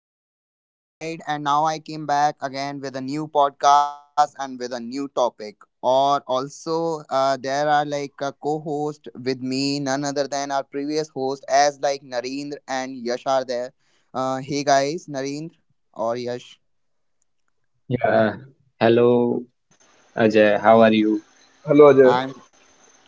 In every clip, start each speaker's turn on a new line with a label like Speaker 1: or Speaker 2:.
Speaker 1: Hey guys, Ajay this side, and now I came back again with a new podcast and with a new topic. Or also, there are like a co-host with me, none other than our previous host, as like Narendra and Yash are there. Hey guys, Narendra or Yash,
Speaker 2: Yeah. Hello, Ajay. How are you?
Speaker 3: Hello Ajay.
Speaker 1: I'm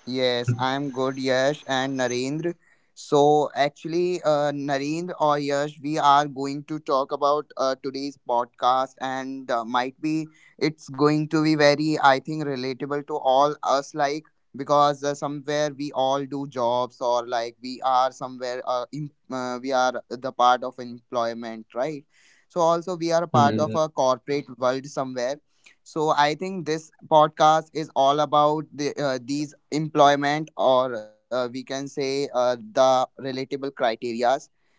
Speaker 1: Yes, I'm good, Yash and Narendra. So, actually, Narendra or Yash, we are going to talk about today's podcast, and might be it's going to be very, I think, relatable to all us, like because somewhere we all do jobs or like we are somewhere, we are the part of employment, right? So, also, we are a part of a corporate world
Speaker 2: Hmm.
Speaker 1: somewhere, so I think this podcast is all about the these employment or we can say the relatable criterias,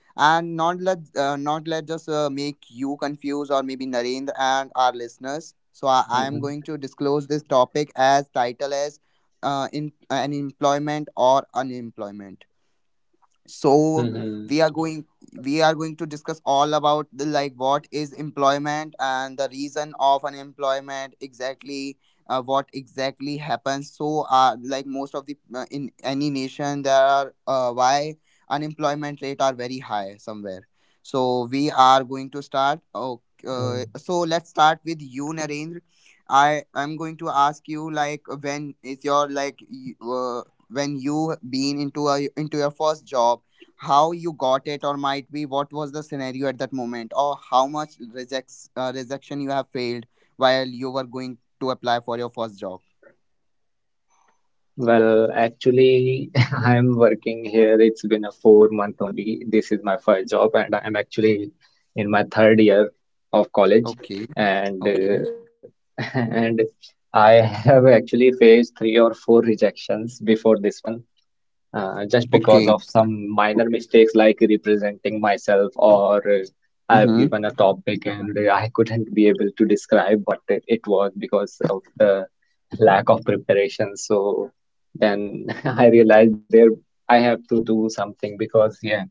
Speaker 1: and not let not let just make you confused or maybe Narendra and our listeners. So I am going to disclose
Speaker 2: Hmm.
Speaker 1: this topic as title as in an employment or unemployment. So we are
Speaker 2: Hmm.
Speaker 1: going we are going to discuss all about the like what is employment and the reason of unemployment exactly. What exactly happens, so like most of the in any nation there are why unemployment rate are very high somewhere. So we are going to start so let's start with you, Narendra. I'm going to ask you like when is your like when you been into a into your first job, how you got it, or might be what was the scenario at that moment, or how much rejects rejection you have failed while you were going to apply for your first job.
Speaker 2: Well, actually, I'm working here. It's been a 4 month only. This is my first job, and I'm actually in my third year of
Speaker 1: Okay.
Speaker 2: college.
Speaker 1: Okay.
Speaker 2: And And I have actually faced three or four rejections before this one, because of
Speaker 1: Okay.
Speaker 2: some minor mistakes like representing myself, or I've
Speaker 1: Mm-hmm.
Speaker 2: given a topic and I couldn't be able to describe what it was because of the lack of preparation. So then I realized there I have to do something, because yeah,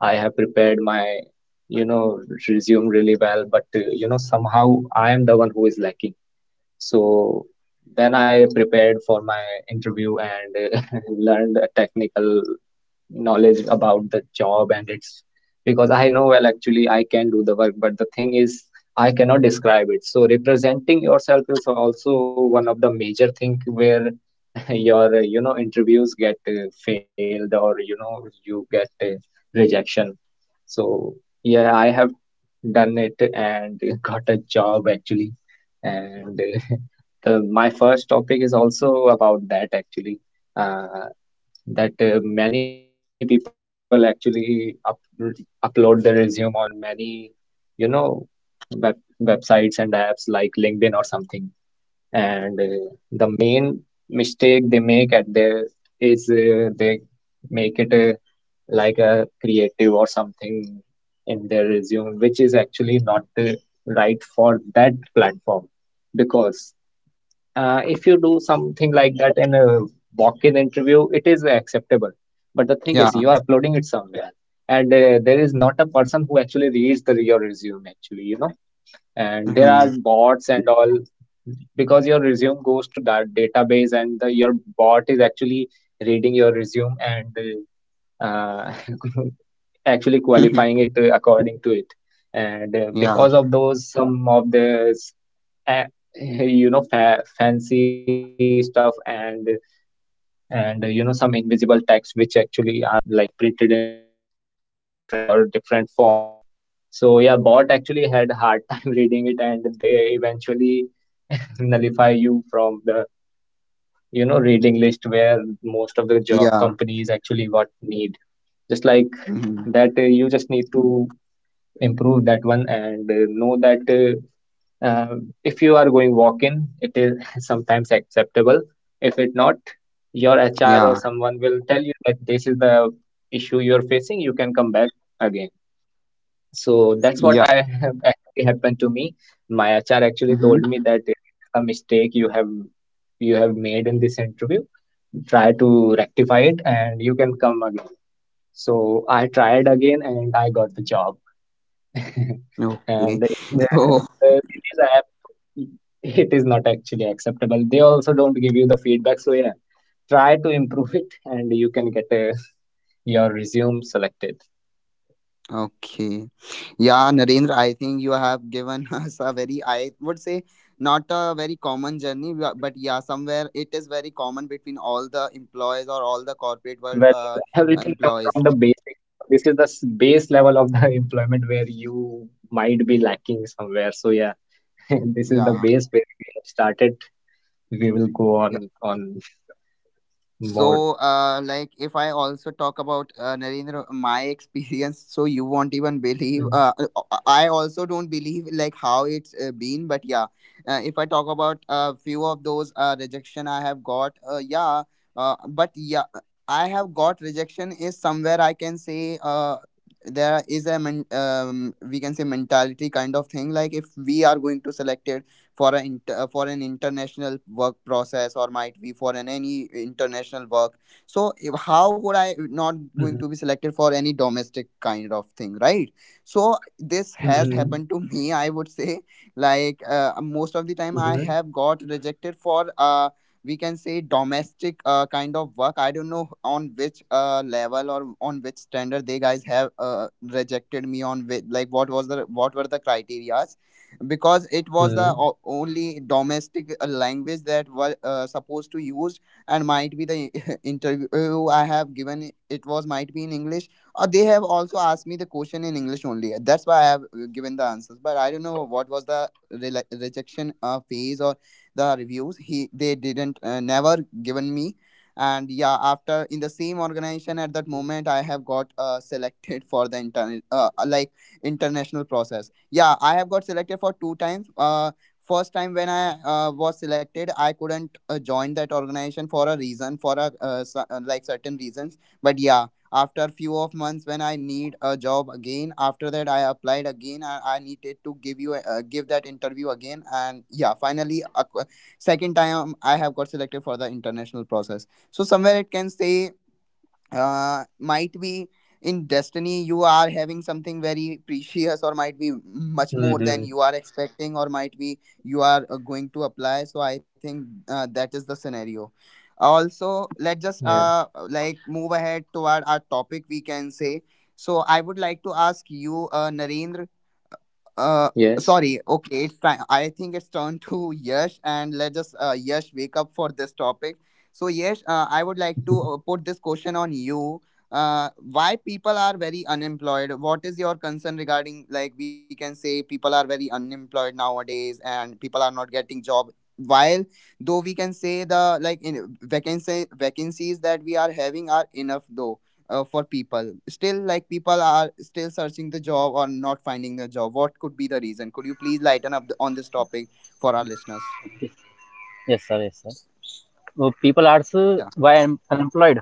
Speaker 2: I have prepared my you know resume really well, but somehow I am the one who is lacking. So then I prepared for my interview and learned a technical knowledge about the job, and it's because I know well actually I can do the work, but the thing is I cannot describe it. So representing yourself is also one of the major thing where your interviews get failed, or you get rejection. So yeah, I have done it and got a job actually, and my first topic is also about that actually uh, that many people actually upload their resume on many you know web, websites and apps like LinkedIn or something, and the main mistake they make at there is, they make it like a creative or something in their resume, which is actually not the right for that platform. Because if you do something like that in a walk-in interview, it is acceptable. But the thing
Speaker 1: Yeah.
Speaker 2: is, you are uploading somewhere, and there is not a person who actually reads the your resume actually. And there are
Speaker 1: Mm-hmm.
Speaker 2: bots and all, because your resume goes to that database, and your bot is actually reading your resume and uh, actually qualifying it according to it, and
Speaker 1: yeah.
Speaker 2: because of those some of the uh, fa fancy stuff and some invisible text which actually are like printed in different color or different font, so yeah, bot actually had a hard time reading it, and they eventually nullify you from the reading list where most of the job
Speaker 1: Yeah.
Speaker 2: companies actually what need. Just, that
Speaker 1: Mm-hmm.
Speaker 2: you just need to improve that one and know that, uh, if you are going walk-in, it is sometimes acceptable. If it not, your
Speaker 1: Yeah.
Speaker 2: HR or someone will tell you that this is the facing, you can come back again. So that's what
Speaker 1: Yeah.
Speaker 2: I have actually happened to me. My HR actually told
Speaker 1: Mm-hmm.
Speaker 2: me that, this is the mistake you have made in this interview. Try to rectify it and you can come again. So I tried again and I got the job.
Speaker 1: Okay.
Speaker 2: and in the
Speaker 1: so
Speaker 2: in the in this app it is not actually acceptable, they also don't give you the feedback, so yeah, try to improve it and you can get your resume selected.
Speaker 1: okay. Yeah, Narendra,
Speaker 2: Hmm.
Speaker 1: I think you have given us a very, I would say, not a very common journey, but yeah, somewhere it is very common between all the employees or all the corporate world
Speaker 2: Well, everything come
Speaker 1: employees.
Speaker 2: from the basics, so this is the base level of the employment where you might be lacking somewhere. So yeah, this is the
Speaker 1: Yeah.
Speaker 2: base where we have started, we will go on more
Speaker 1: So,
Speaker 2: for
Speaker 1: like,
Speaker 2: this year.
Speaker 1: if I also talk about Narendra, my experience, so you won't even believe.
Speaker 2: Hmm.
Speaker 1: I also don't believe like how it's been, but yeah, if I talk about a few of those rejection I have got, yeah, but yeah, I have got rejection is somewhere I can say there is a we can say mentality kind of thing. Like, if we are going to select it for an inter for an international work process or might be for an any international work. So if, how would I
Speaker 2: Mhm.
Speaker 1: not going to be selected for any domestic kind of thing, right? So this
Speaker 2: Mhm.
Speaker 1: has happened to me, I would say, like most of the
Speaker 2: Mhm.
Speaker 1: time I have got rejected for we can say domestic kind of work. I don't know on which level or on which standard they guys have rejected me on which, like what was the what were the criteria, because it was
Speaker 2: Mhm.
Speaker 1: the only domestic language that were supposed to use, and might be the interview I have given, it was might be in English, or they have also asked me the question in English only. That's why I have given the answers, but I don't know what was the rela rejection phase or the reviews he they didn't never given me. And yeah, after in the same organization at that moment I have got selected for the internal like international process. Yeah, I have got selected for two times. First time when I was selected, I couldn't join that organization for a reason, for a like certain reasons. But yeah, after few of months, when I need a job again, after that I applied again. I needed to give you give that interview again, and yeah, finally, second time I have got selected for the international process. So somewhere it can say might be in destiny you are having something very precious or might be much more
Speaker 2: Hmm.
Speaker 1: than you are expecting or might be you are going to apply. So I think that is the scenario. Also, let's just
Speaker 2: Yeah.
Speaker 1: like move ahead toward our topic, we can say. So I would like to ask you, Narendra, uh,
Speaker 2: Yes.
Speaker 1: sorry. Okay, it's time. I think it's turn to Yash, and let us Yash wake up for this topic. So Yash, I would like to put this question on you. Why people are very unemployed? What is your concern regarding like we can say people are very unemployed nowadays, and people are not getting job. While though we can say the like in vacancy vacancies that we are having are enough though for people, still like people are still searching the job or not finding a job. What could be the reason? Could you please lighten up on this topic for our listeners?
Speaker 3: Yes sir, yes sir. वो people are
Speaker 1: Yeah.
Speaker 3: Why unemployed?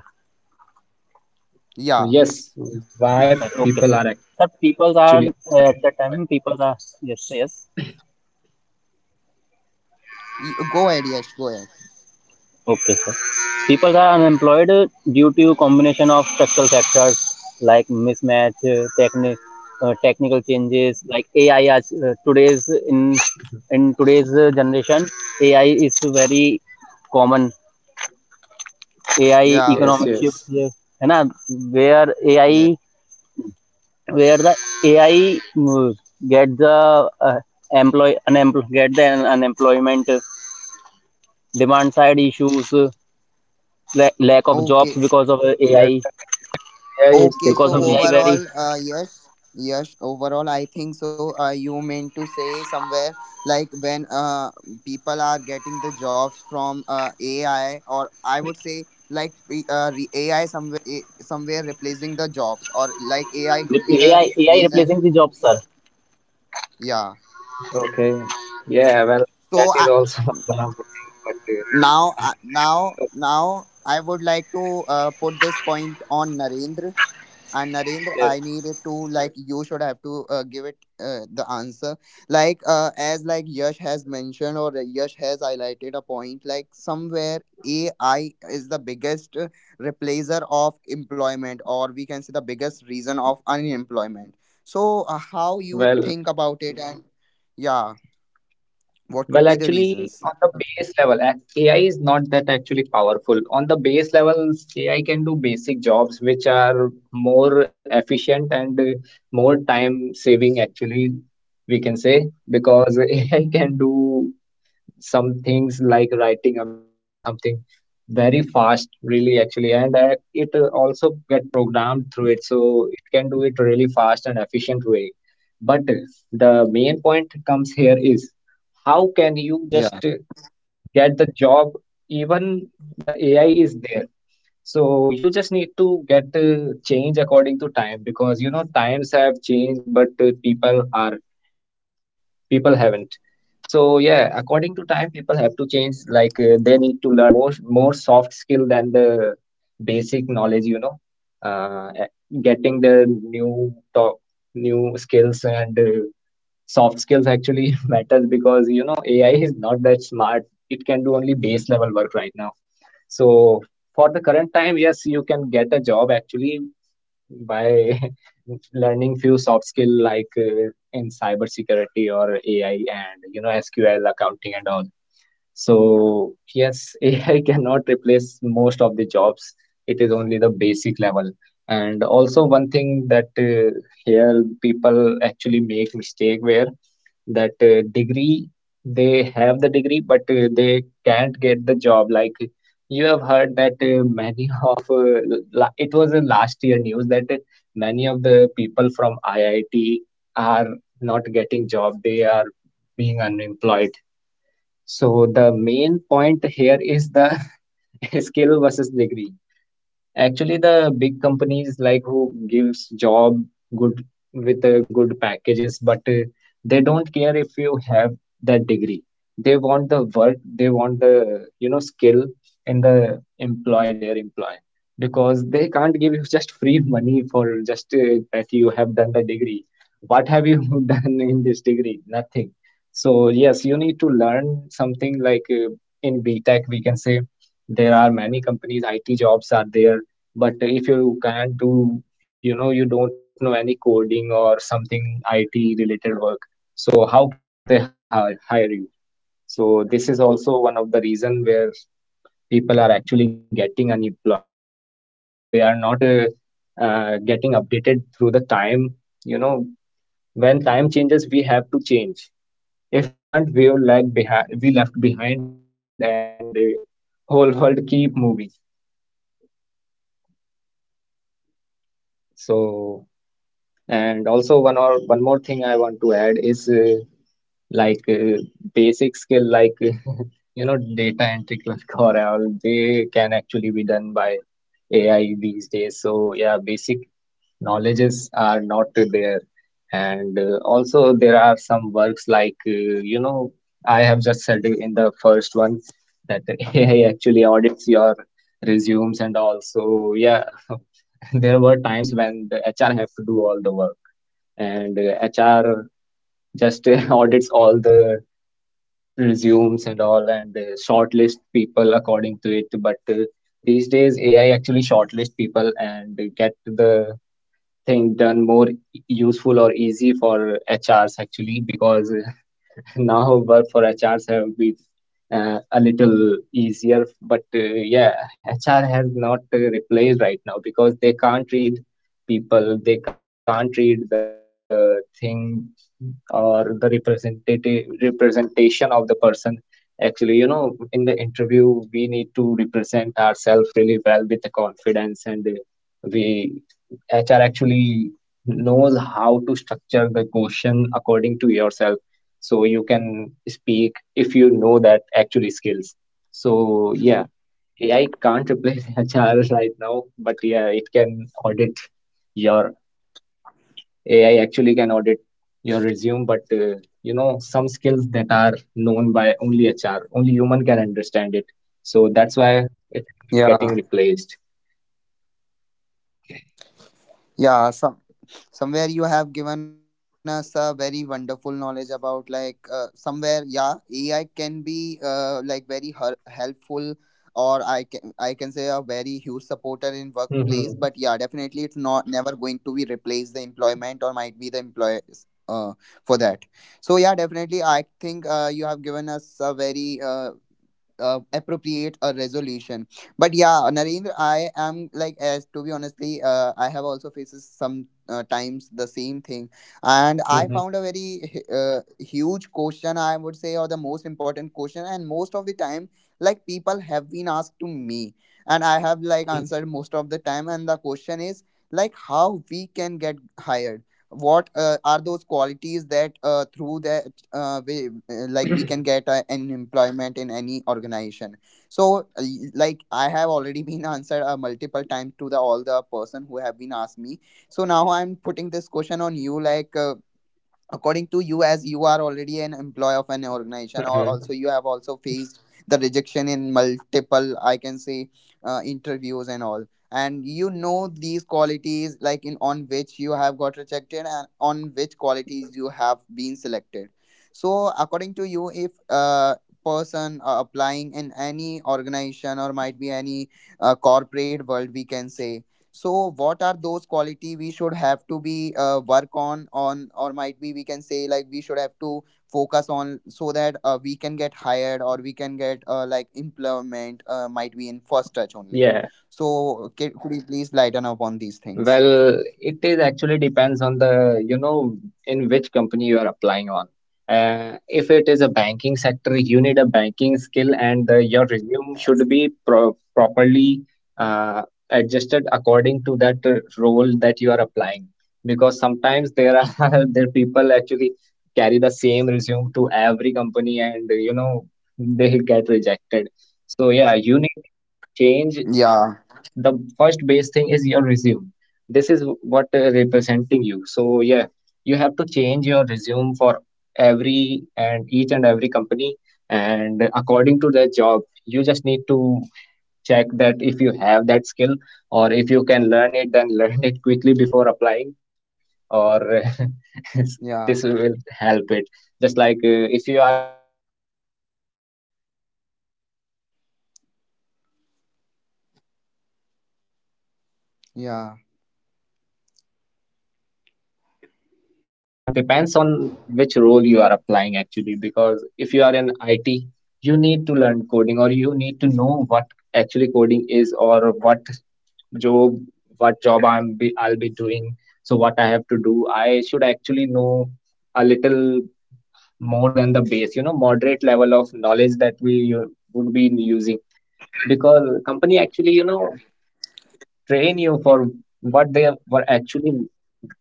Speaker 1: Yeah.
Speaker 2: Well, yes. Why people
Speaker 3: sir,
Speaker 2: are
Speaker 3: okay sir
Speaker 2: actually
Speaker 3: sir
Speaker 2: unemployed?
Speaker 3: Peoples are at the time, peoples are, yes yes,
Speaker 1: Go ahead, yes, go ahead.
Speaker 3: Okay sir. Peoples are unemployed due to combination of structural factors like mismatch, technical changes like A I. आज today's,
Speaker 2: Mhm.
Speaker 3: In in today's generation A I is very common. A I
Speaker 2: Yes.
Speaker 1: Yeah.
Speaker 2: Yes.
Speaker 3: Economic shift, है ना? Where A I,
Speaker 1: Yeah.
Speaker 3: where the AI, get the get the unemployment, demand side issues, lack of jobs
Speaker 1: Okay.
Speaker 3: because of
Speaker 2: Yes.
Speaker 3: AI,
Speaker 2: Yes. AI. AI is
Speaker 1: Okay, so
Speaker 3: because of
Speaker 2: taking
Speaker 3: AI,
Speaker 2: jobs
Speaker 3: very
Speaker 1: overall,
Speaker 2: actually. But
Speaker 1: yes, yes, overall, I think so. You meant to say somewhere like when people are getting the jobs from AI, or I would say like the, AI somewhere somewhere replacing the jobs, or like AI could be the
Speaker 3: AI
Speaker 1: reason
Speaker 3: replacing the
Speaker 1: to.
Speaker 3: jobs, sir।
Speaker 1: Yeah.
Speaker 2: okay. Yeah. Well,
Speaker 1: So
Speaker 2: that is
Speaker 1: I
Speaker 2: also one of the thing. But
Speaker 1: now,
Speaker 2: uh, I have a
Speaker 1: I would like to put this point on Narendra. And Narendra,
Speaker 2: yes.
Speaker 1: I needed to
Speaker 2: Well.
Speaker 1: like you should have to give it the answer. Like as like Yash has mentioned or Yash has highlighted a point. Like somewhere AI is the biggest replacer of employment, or we can say the biggest reason of unemployment. So how you
Speaker 2: Well.
Speaker 1: think about it, and yeah, what
Speaker 2: Well,
Speaker 1: could be the
Speaker 2: actually,
Speaker 1: reasons?
Speaker 2: on the base level, AI is not that actually powerful. On the base level, AI can do basic jobs which are more efficient and more time saving, actually, we can say, because AI can do some things like writing a mail or something very fast really actually, and it also get programmed through it, so it can do it really fast and efficient way. But the main point comes here is, how can you
Speaker 1: Yeah,
Speaker 2: just get the job even the AI is there? So you just need to get change according to time, because you know times have changed, but people are people haven't. So yeah, according to time people have to change, like they need to learn more soft skill than the basic knowledge, you know, uh, a- getting the
Speaker 1: yeah,
Speaker 2: new top new skills and soft skills actually matters, because AI is not that smart, it can do only base level work right now. So for the current time, yes, you can get a job actually by learning few soft skill like in cybersecurity or AI and SQL accounting and all. So
Speaker 1: yeah.
Speaker 2: yes, AI cannot replace most of the jobs. It is only the basic level. And also one thing that here people actually make mistake where, that degree, they have the degree but they can't get the job. Like, you have heard that
Speaker 1: 呀.
Speaker 2: many of la it was a last year news that many of the people from IIT are not getting job, they are being unemployed. So the main point here is the skill versus degree. Actually, the big companies like who gives job good with good packages, but they don't care if you have that degree. They want the work, they want the skill in the employee, their employee, because they can't give you just free money for just that you have done the degree. What have you done in this degree? Nothing. So yes, you need to learn something like in B Tech., we can say there are many companies, IT jobs are there, but if you can't do, you know, you don't know any coding or something IT related work, so how can they hire you? So this is also one of the reason where people are actually getting unemployed because they are not getting updated through the time. You know, when time changes, we have to change. If we can't, we will lag behind, we left behind, and the whole world keep moving. So. And also one more thing I want to add is, like, basic skill like you know data entry clerk or all they can actually done by AI these days, so yeah, basic knowledges are not there. And also there are some works like, you know, I have just said in the first one that AI actually audits your resumes, and also yeah, there were times when the have to do all the work, and HR just audits all the resumes and all and shortlist people according to it. But these days, AI actually shortlist people and get the thing done more useful or easy for HRs, actually, because now work for HRs have been a little easier, but yeah, HR has not replaced right now, because they can't read people, they can't read the thing or the representative representation of the person. Actually, you know, in the interview, we need to represent ourselves really well with the confidence, and we HR actually knows how to structure the question according to yourself, so you can speak if you know that actually skills. So yeah, ai can't replace HR right now, but yeah, it can audit your AI actually can audit your resume, but you know some skills that are known by only HR, only human can understand it, so that's why it is
Speaker 1: Yeah.
Speaker 2: not getting replaced.
Speaker 1: Yeah. Some somewhere you have given us a very wonderful knowledge about like somewhere yeah ai can be like very helpful, or I can say a very huge supporter in workplace, but yeah
Speaker 2: Mm-hmm.
Speaker 1: definitely it's not never going to be replace the employment, or might be the employers for that. So yeah, definitely I think you have given us a very appropriate a resolution. But yeah Narendra, I am like as to be honestly I have also faces some times the same thing, and I found a
Speaker 2: Mm-hmm.
Speaker 1: very huge question I would say, or the most important question, and most of the time like people have been asked to me, and I have
Speaker 2: Mm-hmm.
Speaker 1: like answered most of the time, and the question is like how we can get hired, what are those qualities that through the like we can get an employment in any organization. So like I have already been answered multiple times to the all the person who have been asked me. So now I'm putting this question on you, like according to you, as you are already an employee of an organization, or
Speaker 2: Mm-hmm.
Speaker 1: also you have also faced the rejection in multiple I can say interviews and all, and you know these qualities like in on which you have got rejected and on which qualities you have been selected. So according to you, if a person applying in any organization or might be any corporate world we can say, so what are those quality we should have to be work on, or might be we can say like we should have to focus on, so that we can get hired or we can get like employment might be in first touch only.
Speaker 2: Yeah.
Speaker 1: So could you please lighten up on these things?
Speaker 2: Well, it is actually depends on in which company you are applying on. If it is a banking sector, you need a banking skill and your resume should be properly uh, adjusted according to that role that you are applying. Because sometimes there are there people actually carry the same resume to every company and they get rejected. So yeah, you need to
Speaker 1: Yeah.
Speaker 2: change the first base thing is your resume, this is what representing you, so yeah, you have to change your resume for every and each and every company, and according to the job you just need to check that if you have that skill, or if you can learn it then learn it quickly before applying, or
Speaker 1: Yeah.
Speaker 2: this will help it. Just like, if you are going for data analyst or something, so you need to learn SQL and you know excel sheets and all, so yeah, in
Speaker 1: Yeah.
Speaker 2: that job role, you need that skill. So it depends on which role you are applying actually, because if you are in IT, you need to learn coding or you need to know what actually coding is or job what job I'll be doing. So what I have to do, I should actually know a little more than the base, you know, moderate level of knowledge that we would be using because company actually, you know, train you for what they were actually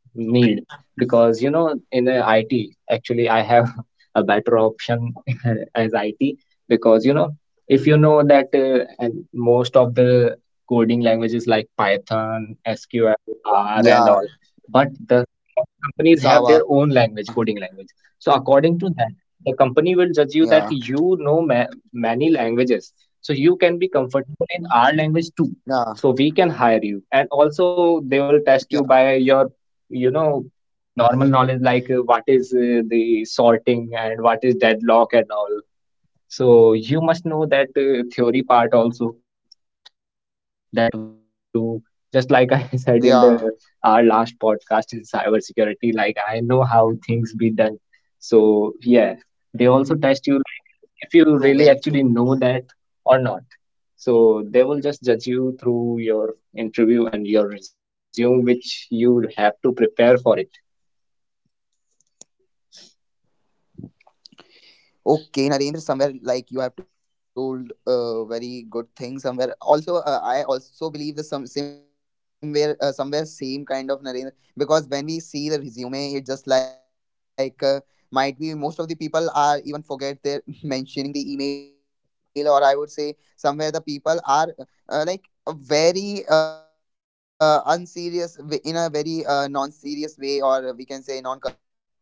Speaker 2: meal because you know in the IT actually I have a better option as IT because you know if you know that and most of the coding languages like Python, SQL, R and all,
Speaker 1: Yeah.
Speaker 2: but the some of the companies have their own language,
Speaker 1: Java.
Speaker 2: coding language. So according to that, the company will judge you that
Speaker 1: Yeah.
Speaker 2: you know many languages, so you can be comfortable in our language too, so
Speaker 1: Yeah.
Speaker 2: we can hire you. And also they will test you
Speaker 1: Yeah.
Speaker 2: by your you know, normal knowledge, like what is the sorting and what is deadlock and all. So you must know that theory part also, that what it do, how it do. Just like I said in the
Speaker 1: Yeah.
Speaker 2: our last podcast in cybersecurity, like I know how things be done. So yeah, they also test you like if you really
Speaker 1: True,
Speaker 2: actually
Speaker 1: very
Speaker 2: know
Speaker 1: true.
Speaker 2: that or not. So they will just judge you through your interview and your resume, which you have to prepare for it.
Speaker 1: Okay, Narendra, somewhere like you have told very good thing. Somewhere also, I also believe the some somewhere somewhere same kind of Narendra because when we see the resume, it just like might be most of the people are even forget their mentioning the email, or I would say somewhere the people are like a very unserious in a very non-serious way, or we can say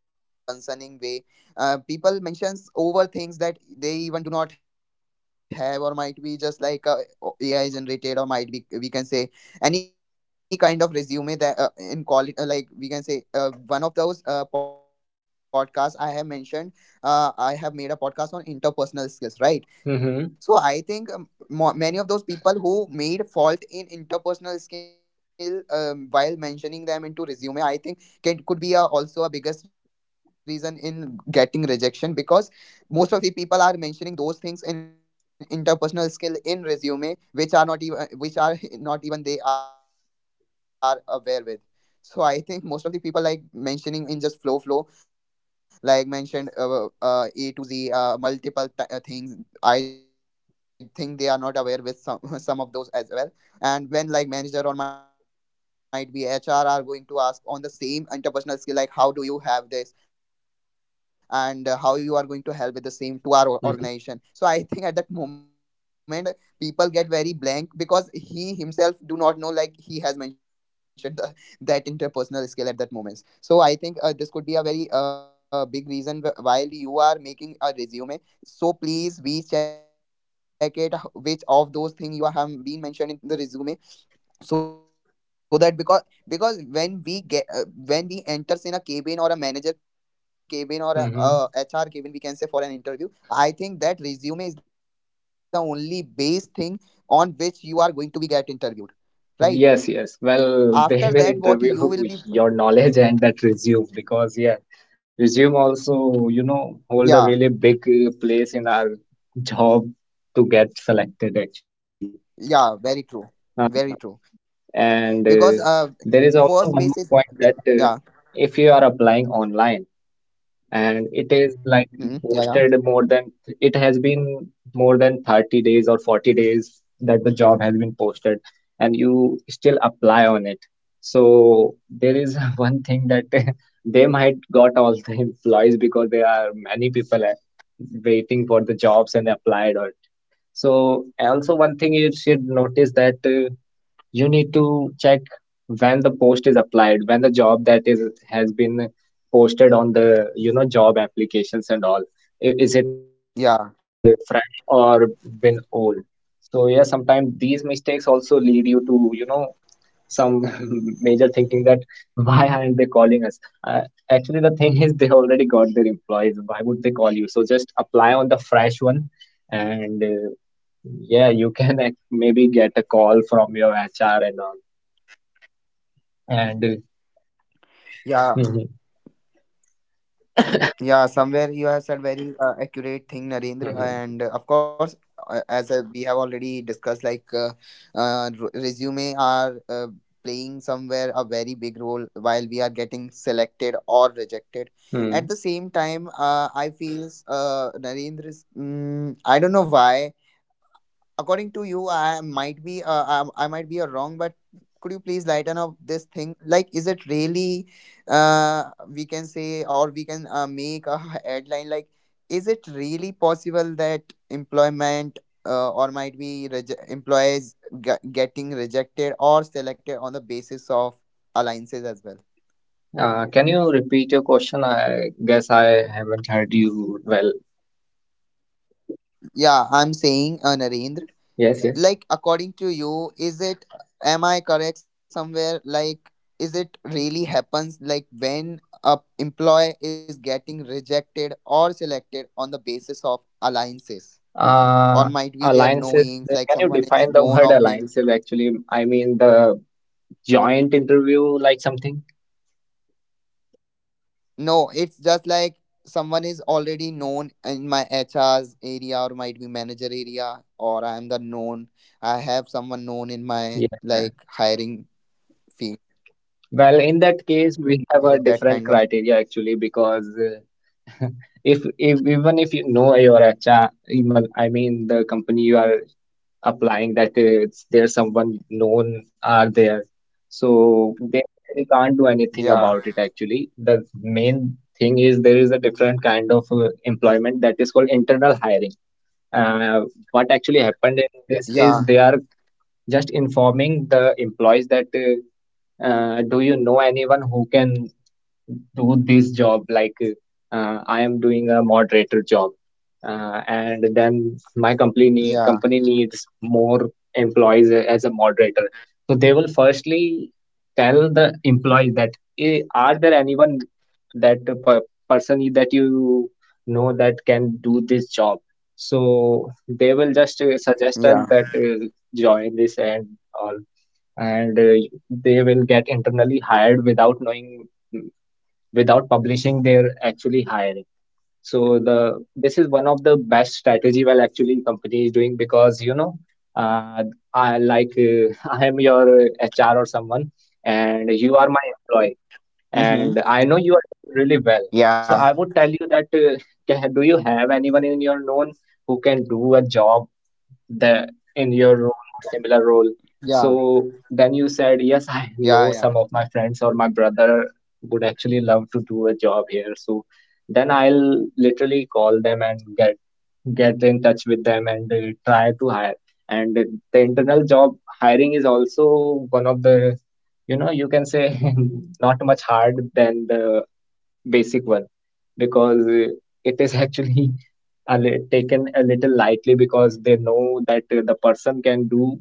Speaker 2: Mm-hmm.
Speaker 1: non-concerning way, people mentions over things that they even do not have, or might be just like AI generated, or might be we can say any kind of resume that in quality, like we can say, one of those podcasts I have mentioned, I have made a podcast on
Speaker 2: Mm-hmm.
Speaker 1: interpersonal skills, right? So I think many of those people who made fault in interpersonal skill, while mentioning them into resume, I think can, could be a, also a biggest reason in getting rejection, because most of the people are mentioning those things in interpersonal skill in resume which are not even, which are not even they are aware with. So I think most of the people like mentioning in just flow like mentioned a to z multiple things. I think they are not aware with some some of those as well. And when like manager or might be HR are going to ask on the same interpersonal skill, like how do you have this, and how you are going to help with the same to our organization.
Speaker 2: Mm-hmm.
Speaker 1: So I think at that moment people get very blank because he himself do not know like he has mentioned the, that interpersonal skill at that moment. So I think this could be a very big reason while you are making a resume. So please be check it which of those things you have been mentioned in the resume, so that because when we get when we enters in a cabin or a manager cabin or a,
Speaker 2: Mm-hmm.
Speaker 1: HR cabin, we can say, for an interview, I think that resume is the only base thing on which you are going to be get interviewed
Speaker 2: Yes, yes.
Speaker 1: right
Speaker 2: Well,
Speaker 1: after
Speaker 2: they will
Speaker 1: that what you
Speaker 2: interview
Speaker 1: will be.
Speaker 2: your knowledge and that resume because yeah, resume also, you
Speaker 1: Yeah.
Speaker 2: know, hold a really big place in our job to get selected actually.
Speaker 1: Yeah, very true.
Speaker 2: uh
Speaker 1: Very true. Because
Speaker 2: And there
Speaker 1: first
Speaker 2: is
Speaker 1: base
Speaker 2: also
Speaker 1: is.
Speaker 2: one more point that
Speaker 1: Yeah.
Speaker 2: if you are applying online and it is like
Speaker 1: Hmm. Yeah, yeah,
Speaker 2: posted, than it has been more than 30 days or 40 days that the job has been posted and you still apply on it, so there is one thing that they might got all the employees because there are many people waiting for the jobs and applied on it. So also one thing you should notice that you need to, when the post is applied, when the job that is has been posted on the you know job applications and all. I- Is it
Speaker 1: yeah,
Speaker 2: fresh or been old? So yeah, sometimes these mistakes also lead you to you know some major thinking that why aren't they calling us? Actually, got their employees. Why would they call you? So just apply on the fresh one, and yeah, you can maybe get a call from your HR and all. And
Speaker 1: yeah,
Speaker 2: Mhm,
Speaker 1: yeah. Somewhere you have said very accurate thing, Narendra.
Speaker 2: mhm,
Speaker 1: And of course, as we have already discussed, like resume are playing somewhere a very big role while we are getting selected or rejected. At
Speaker 2: mm.
Speaker 1: the same time, I feel Narendra's. Mm, I don't know why. According to you, I might be I might be wrong, but could you please lighten up this thing, like is it really uh, we can say, or we can make a headline like is it really possible that employment, or might be reje employees getting rejected or selected on the basis of alliances as well?
Speaker 2: Can you repeat your question? I guess I haven't heard you well.
Speaker 1: Yeah, I'm saying, Narendra,
Speaker 2: Yes, yes.
Speaker 1: like according to you, is it, am I correct somewhere, like is it really happens like when a employee is getting rejected or selected on the basis of alliances or
Speaker 2: Uh,
Speaker 1: might be their
Speaker 2: alliances,
Speaker 1: knowings, like
Speaker 2: can you
Speaker 1: someone is
Speaker 2: define the
Speaker 1: known
Speaker 2: word
Speaker 1: of him.
Speaker 2: alliances actually? I mean, the joint interview, like something?
Speaker 1: No, it's just like someone is already known in my HR's area or might be manager area, or I am the known, I have someone known in my
Speaker 2: Yeah, yeah.
Speaker 1: like hiring field.
Speaker 2: Well, in that case, we have a
Speaker 1: So that
Speaker 2: different
Speaker 1: kind of,
Speaker 2: criteria actually because if even if you know your HR, even I mean the company you are applying that it's there's someone known are there. So they actually can't do anything
Speaker 1: yeah.
Speaker 2: about it actually. The main thing is there is a different kind of employment that is called internal hiring. Uh, what actually happened in this is
Speaker 1: Yeah.
Speaker 2: they are just informing the employees that do you know anyone who can do this job, like I am doing a moderator job, and then my
Speaker 1: Yeah,
Speaker 2: company needs more employees as a moderator, so they will firstly tell the employees that, "Eh, are there anyone that person that you know that can do this job, so they will just suggest us
Speaker 1: yeah.
Speaker 2: that join this and all, and they will get internally hired without knowing, without publishing their actually hiring. So the this is one of the best strategy while actually company is doing, because you know uh, I, like I am your HR or someone and you are my employee and
Speaker 1: Mm-hmm.
Speaker 2: I know you are doing really well,
Speaker 1: Yeah,
Speaker 2: so I would tell you that do you have anyone in your known who can do a job the in your role or similar role.
Speaker 1: yeah,
Speaker 2: So then you said, yes, I
Speaker 1: yeah,
Speaker 2: know
Speaker 1: yeah.
Speaker 2: some of my friends or my brother would actually love to do a job here. So then I'll literally call them and get in touch with them and try to hire. And the internal job hiring is also one of the, you know, you can say not much hard than the basic one, because it is actually taken a little lightly because they know that the person can do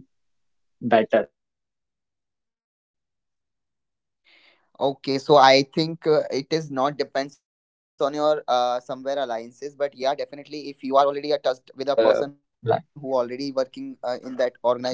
Speaker 2: better because it is unknown one.
Speaker 1: Okay, so I think it is not depends on your somewhere alliances, but yeah, definitely if you are
Speaker 2: So
Speaker 1: already
Speaker 2: you know
Speaker 1: attached with a
Speaker 2: the,
Speaker 1: person who
Speaker 2: like,
Speaker 1: already working in that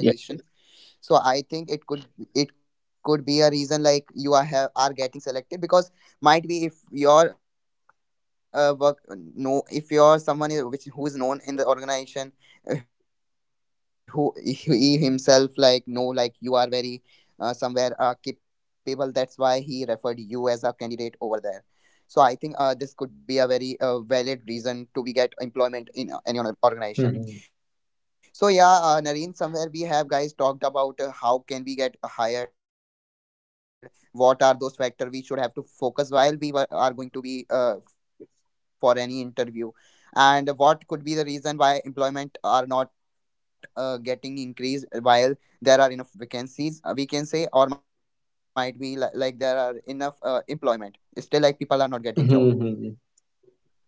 Speaker 2: yes, yes.
Speaker 1: so I think it could be a reason like you are have are getting selected because might be if your work no if you're someone is, which who is known in the organization, who he himself like know like you are very somewhere capable, that's why he referred you as a candidate over there. So I think this could be a very valid reason to we get employment in any organization.
Speaker 2: Hmm.
Speaker 1: So yeah, Nareen, somewhere we have guys talked about how can we get hired, what are those factors we should have to focus while we were, are going to be for any interview, and what could be the reason why employment are not getting increased while there are enough vacancies, we can say, or might be like there are enough employment. Still, like people are not getting job.
Speaker 2: Hmm.
Speaker 1: Okay.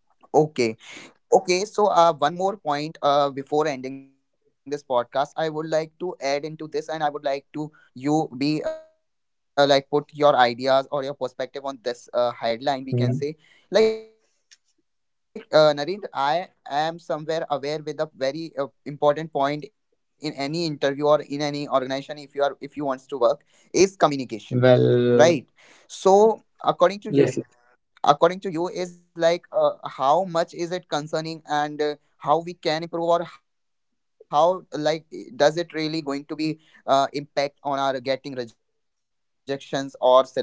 Speaker 1: Okay, so one more point before ending this podcast, I would like to add into this, and I would like to you be like put your ideas or your perspective on this headline. We can
Speaker 2: Mm-hmm.
Speaker 1: say, like Narendra, I am somewhere aware with a very important point in any interview or in any organization. If you are, if you wants to work, is communication, right?
Speaker 2: Well,
Speaker 1: So according to you,
Speaker 2: yes, yes.
Speaker 1: according to you is like how much is it concerning, and how we can improve, or how like does it really going to be impact on our getting rejections or selections,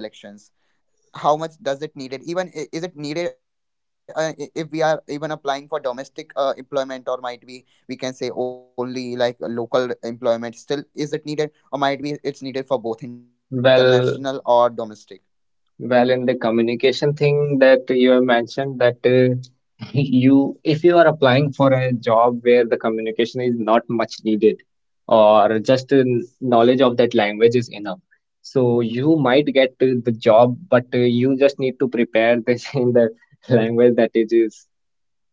Speaker 1: how much does it needed, even is it needed if we are even applying for domestic employment, or might be we can say only like a local employment, still is it needed, or might be it's needed for both international
Speaker 2: Well,
Speaker 1: or domestic?
Speaker 2: well in the communication thing that you have mentioned that. You if you are applying for a job where the communication is not much needed or just knowledge of that language is enough, so you might get the job, but you just need to prepare this in the language that it is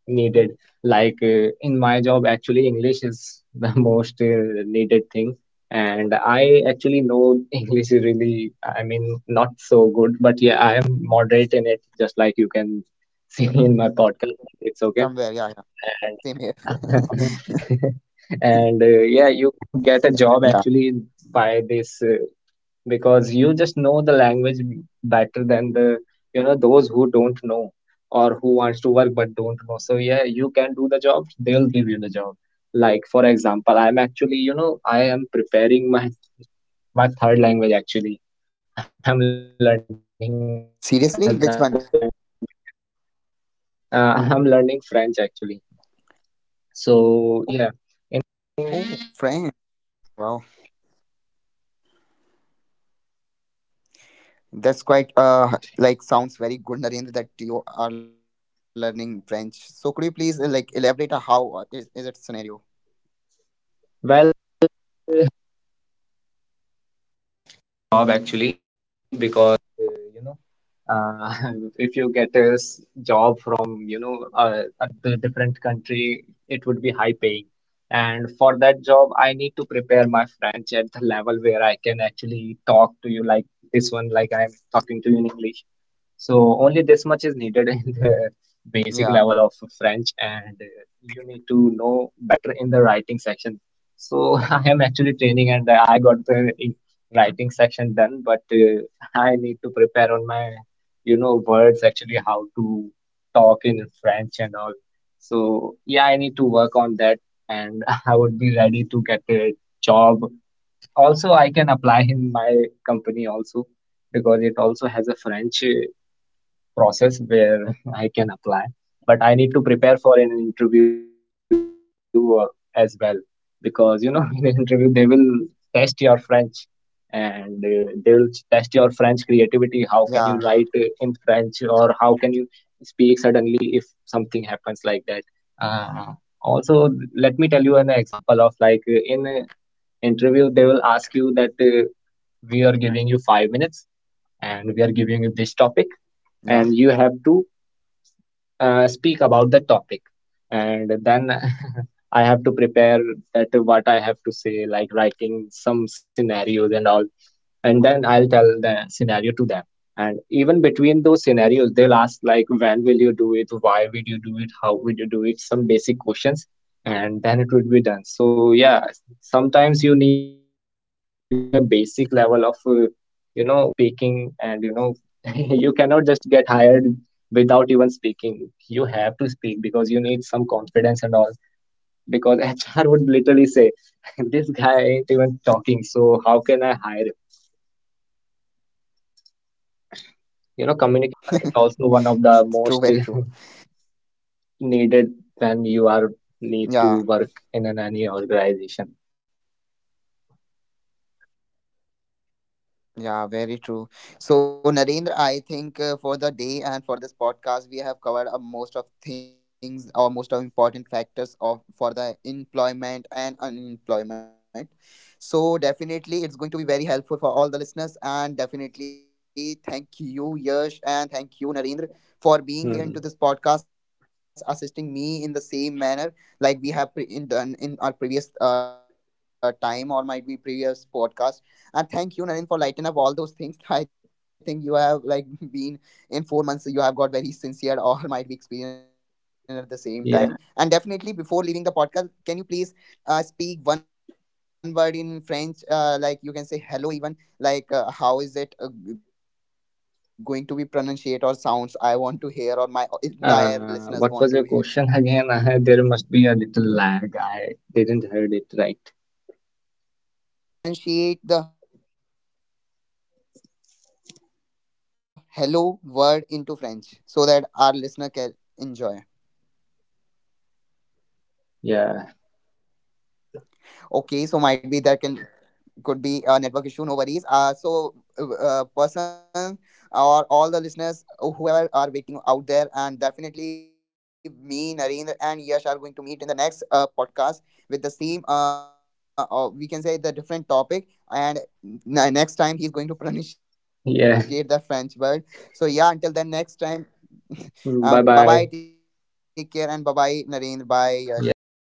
Speaker 2: needed, like in my job actually English is the most needed thing, and I actually know English is really, I mean, not so good, but yeah, I am moderate in it, just like you can see in my podcast, but it's okay.
Speaker 1: Somewhere, yeah, yeah.
Speaker 2: And
Speaker 1: Same here.
Speaker 2: and yeah, you can get a job
Speaker 1: Yeah.
Speaker 2: actually by this because you just know the language better than the you know those who don't know or who wants to work but don't know, so yeah, you can do the job, they'll give you the job. Like for example, I'm actually, you know, I am preparing my third language actually. I'm learning another language
Speaker 1: Seriously? Which one?
Speaker 2: which is I'm learning French actually. So
Speaker 1: Oh, friend. Wow. That's quite like sounds very good, Narendra, that you are learning French. So could you please like elaborate how is it scenario?
Speaker 2: different country, it would be high paying. And for that job, I need to prepare my French at the level where I can actually talk to you like this one, like I'm talking to you in English. So only this much is the
Speaker 1: Yeah.
Speaker 2: basic level of French, and you need to know better in the writing section. So I am actually training, and I got the writing section done, but I need to prepare on my, you know, words actually how to talk in French and all. So yeah, I need to work on that, and I would be ready to get a job. Also, I can apply in my company also because it also has a French process where I can apply, but I need to prepare for an interview as well, because you know in an interview they will test your French and they will test your French creativity. How can
Speaker 1: Yeah.
Speaker 2: you write in French, or how can you speak suddenly if something happens like that? Uh, also, let me tell you an example of like in an interview they will ask you that we are giving you 5 minutes and we are giving this topic,
Speaker 1: Yeah.
Speaker 2: and you have to speak about the topic, and then I have to prepare that what I have to say, like writing some scenarios and all, and then I'll tell the scenario to them. And even between those scenarios, they'll ask like, when will you do it? Why will you do it? How will you do it? Some basic questions, and then it would be done. So yeah, sometimes you need a basic level of, you know, speaking, and you know, you cannot just get hired without even speaking. You have to speak because you need some confidence and all. Because HR would literally say, this guy ain't even talking, so how can I hire him? You know,
Speaker 1: It's
Speaker 2: communication is
Speaker 1: true.
Speaker 2: also
Speaker 1: Very
Speaker 2: one
Speaker 1: true.
Speaker 2: of the most needed when you
Speaker 1: Yeah.
Speaker 2: are need to work in an any organization.
Speaker 1: Yeah, very true. So, Narendra, I think for the day and for this podcast, we have covered most of things or most of important factors of for the employment and unemployment. So, definitely, it's going to be very helpful for all the listeners. And definitely, thank you, Yash, and thank you, Narendra, for being here into this podcast,
Speaker 2: Hmm.
Speaker 1: assisting me in the same manner like we have pre- in done in our previous time or might be previous podcast, and thank you, Naren, for lighting up all those things. I think you have like been in 4 months. So you have got very sincere or might be experienced at the same time. And definitely, before
Speaker 2: Yeah.
Speaker 1: leaving the podcast, can you please speak one word in French? Like you can say hello, even like how is it going to be pronunciated or sounds, I want to hear or my entire listeners want to hear. Hello,
Speaker 2: What was
Speaker 1: eh,
Speaker 2: your
Speaker 1: how would
Speaker 2: question
Speaker 1: it be?
Speaker 2: again?
Speaker 1: Say.
Speaker 2: There must be a little lag. I didn't heard it right.
Speaker 1: Could you please pronunciate the hello word into French so that our listener can enjoy?
Speaker 2: Yeah.
Speaker 1: Okay, so might be there can could be a network issue. No worries. Person or all the listeners, whoever are waiting out there, and definitely me, Narendra, and Yash are going to meet in the next podcast with the same or we can say the different topic and. n- Next time he is going to pronunciate the French word.
Speaker 2: Yeah.
Speaker 1: So yeah, until then, next time. Bye bye.
Speaker 2: Bye
Speaker 1: Take care,
Speaker 2: bye.
Speaker 1: and bye bye, Narendra. Bye. Yash. Take care.
Speaker 2: Yeah.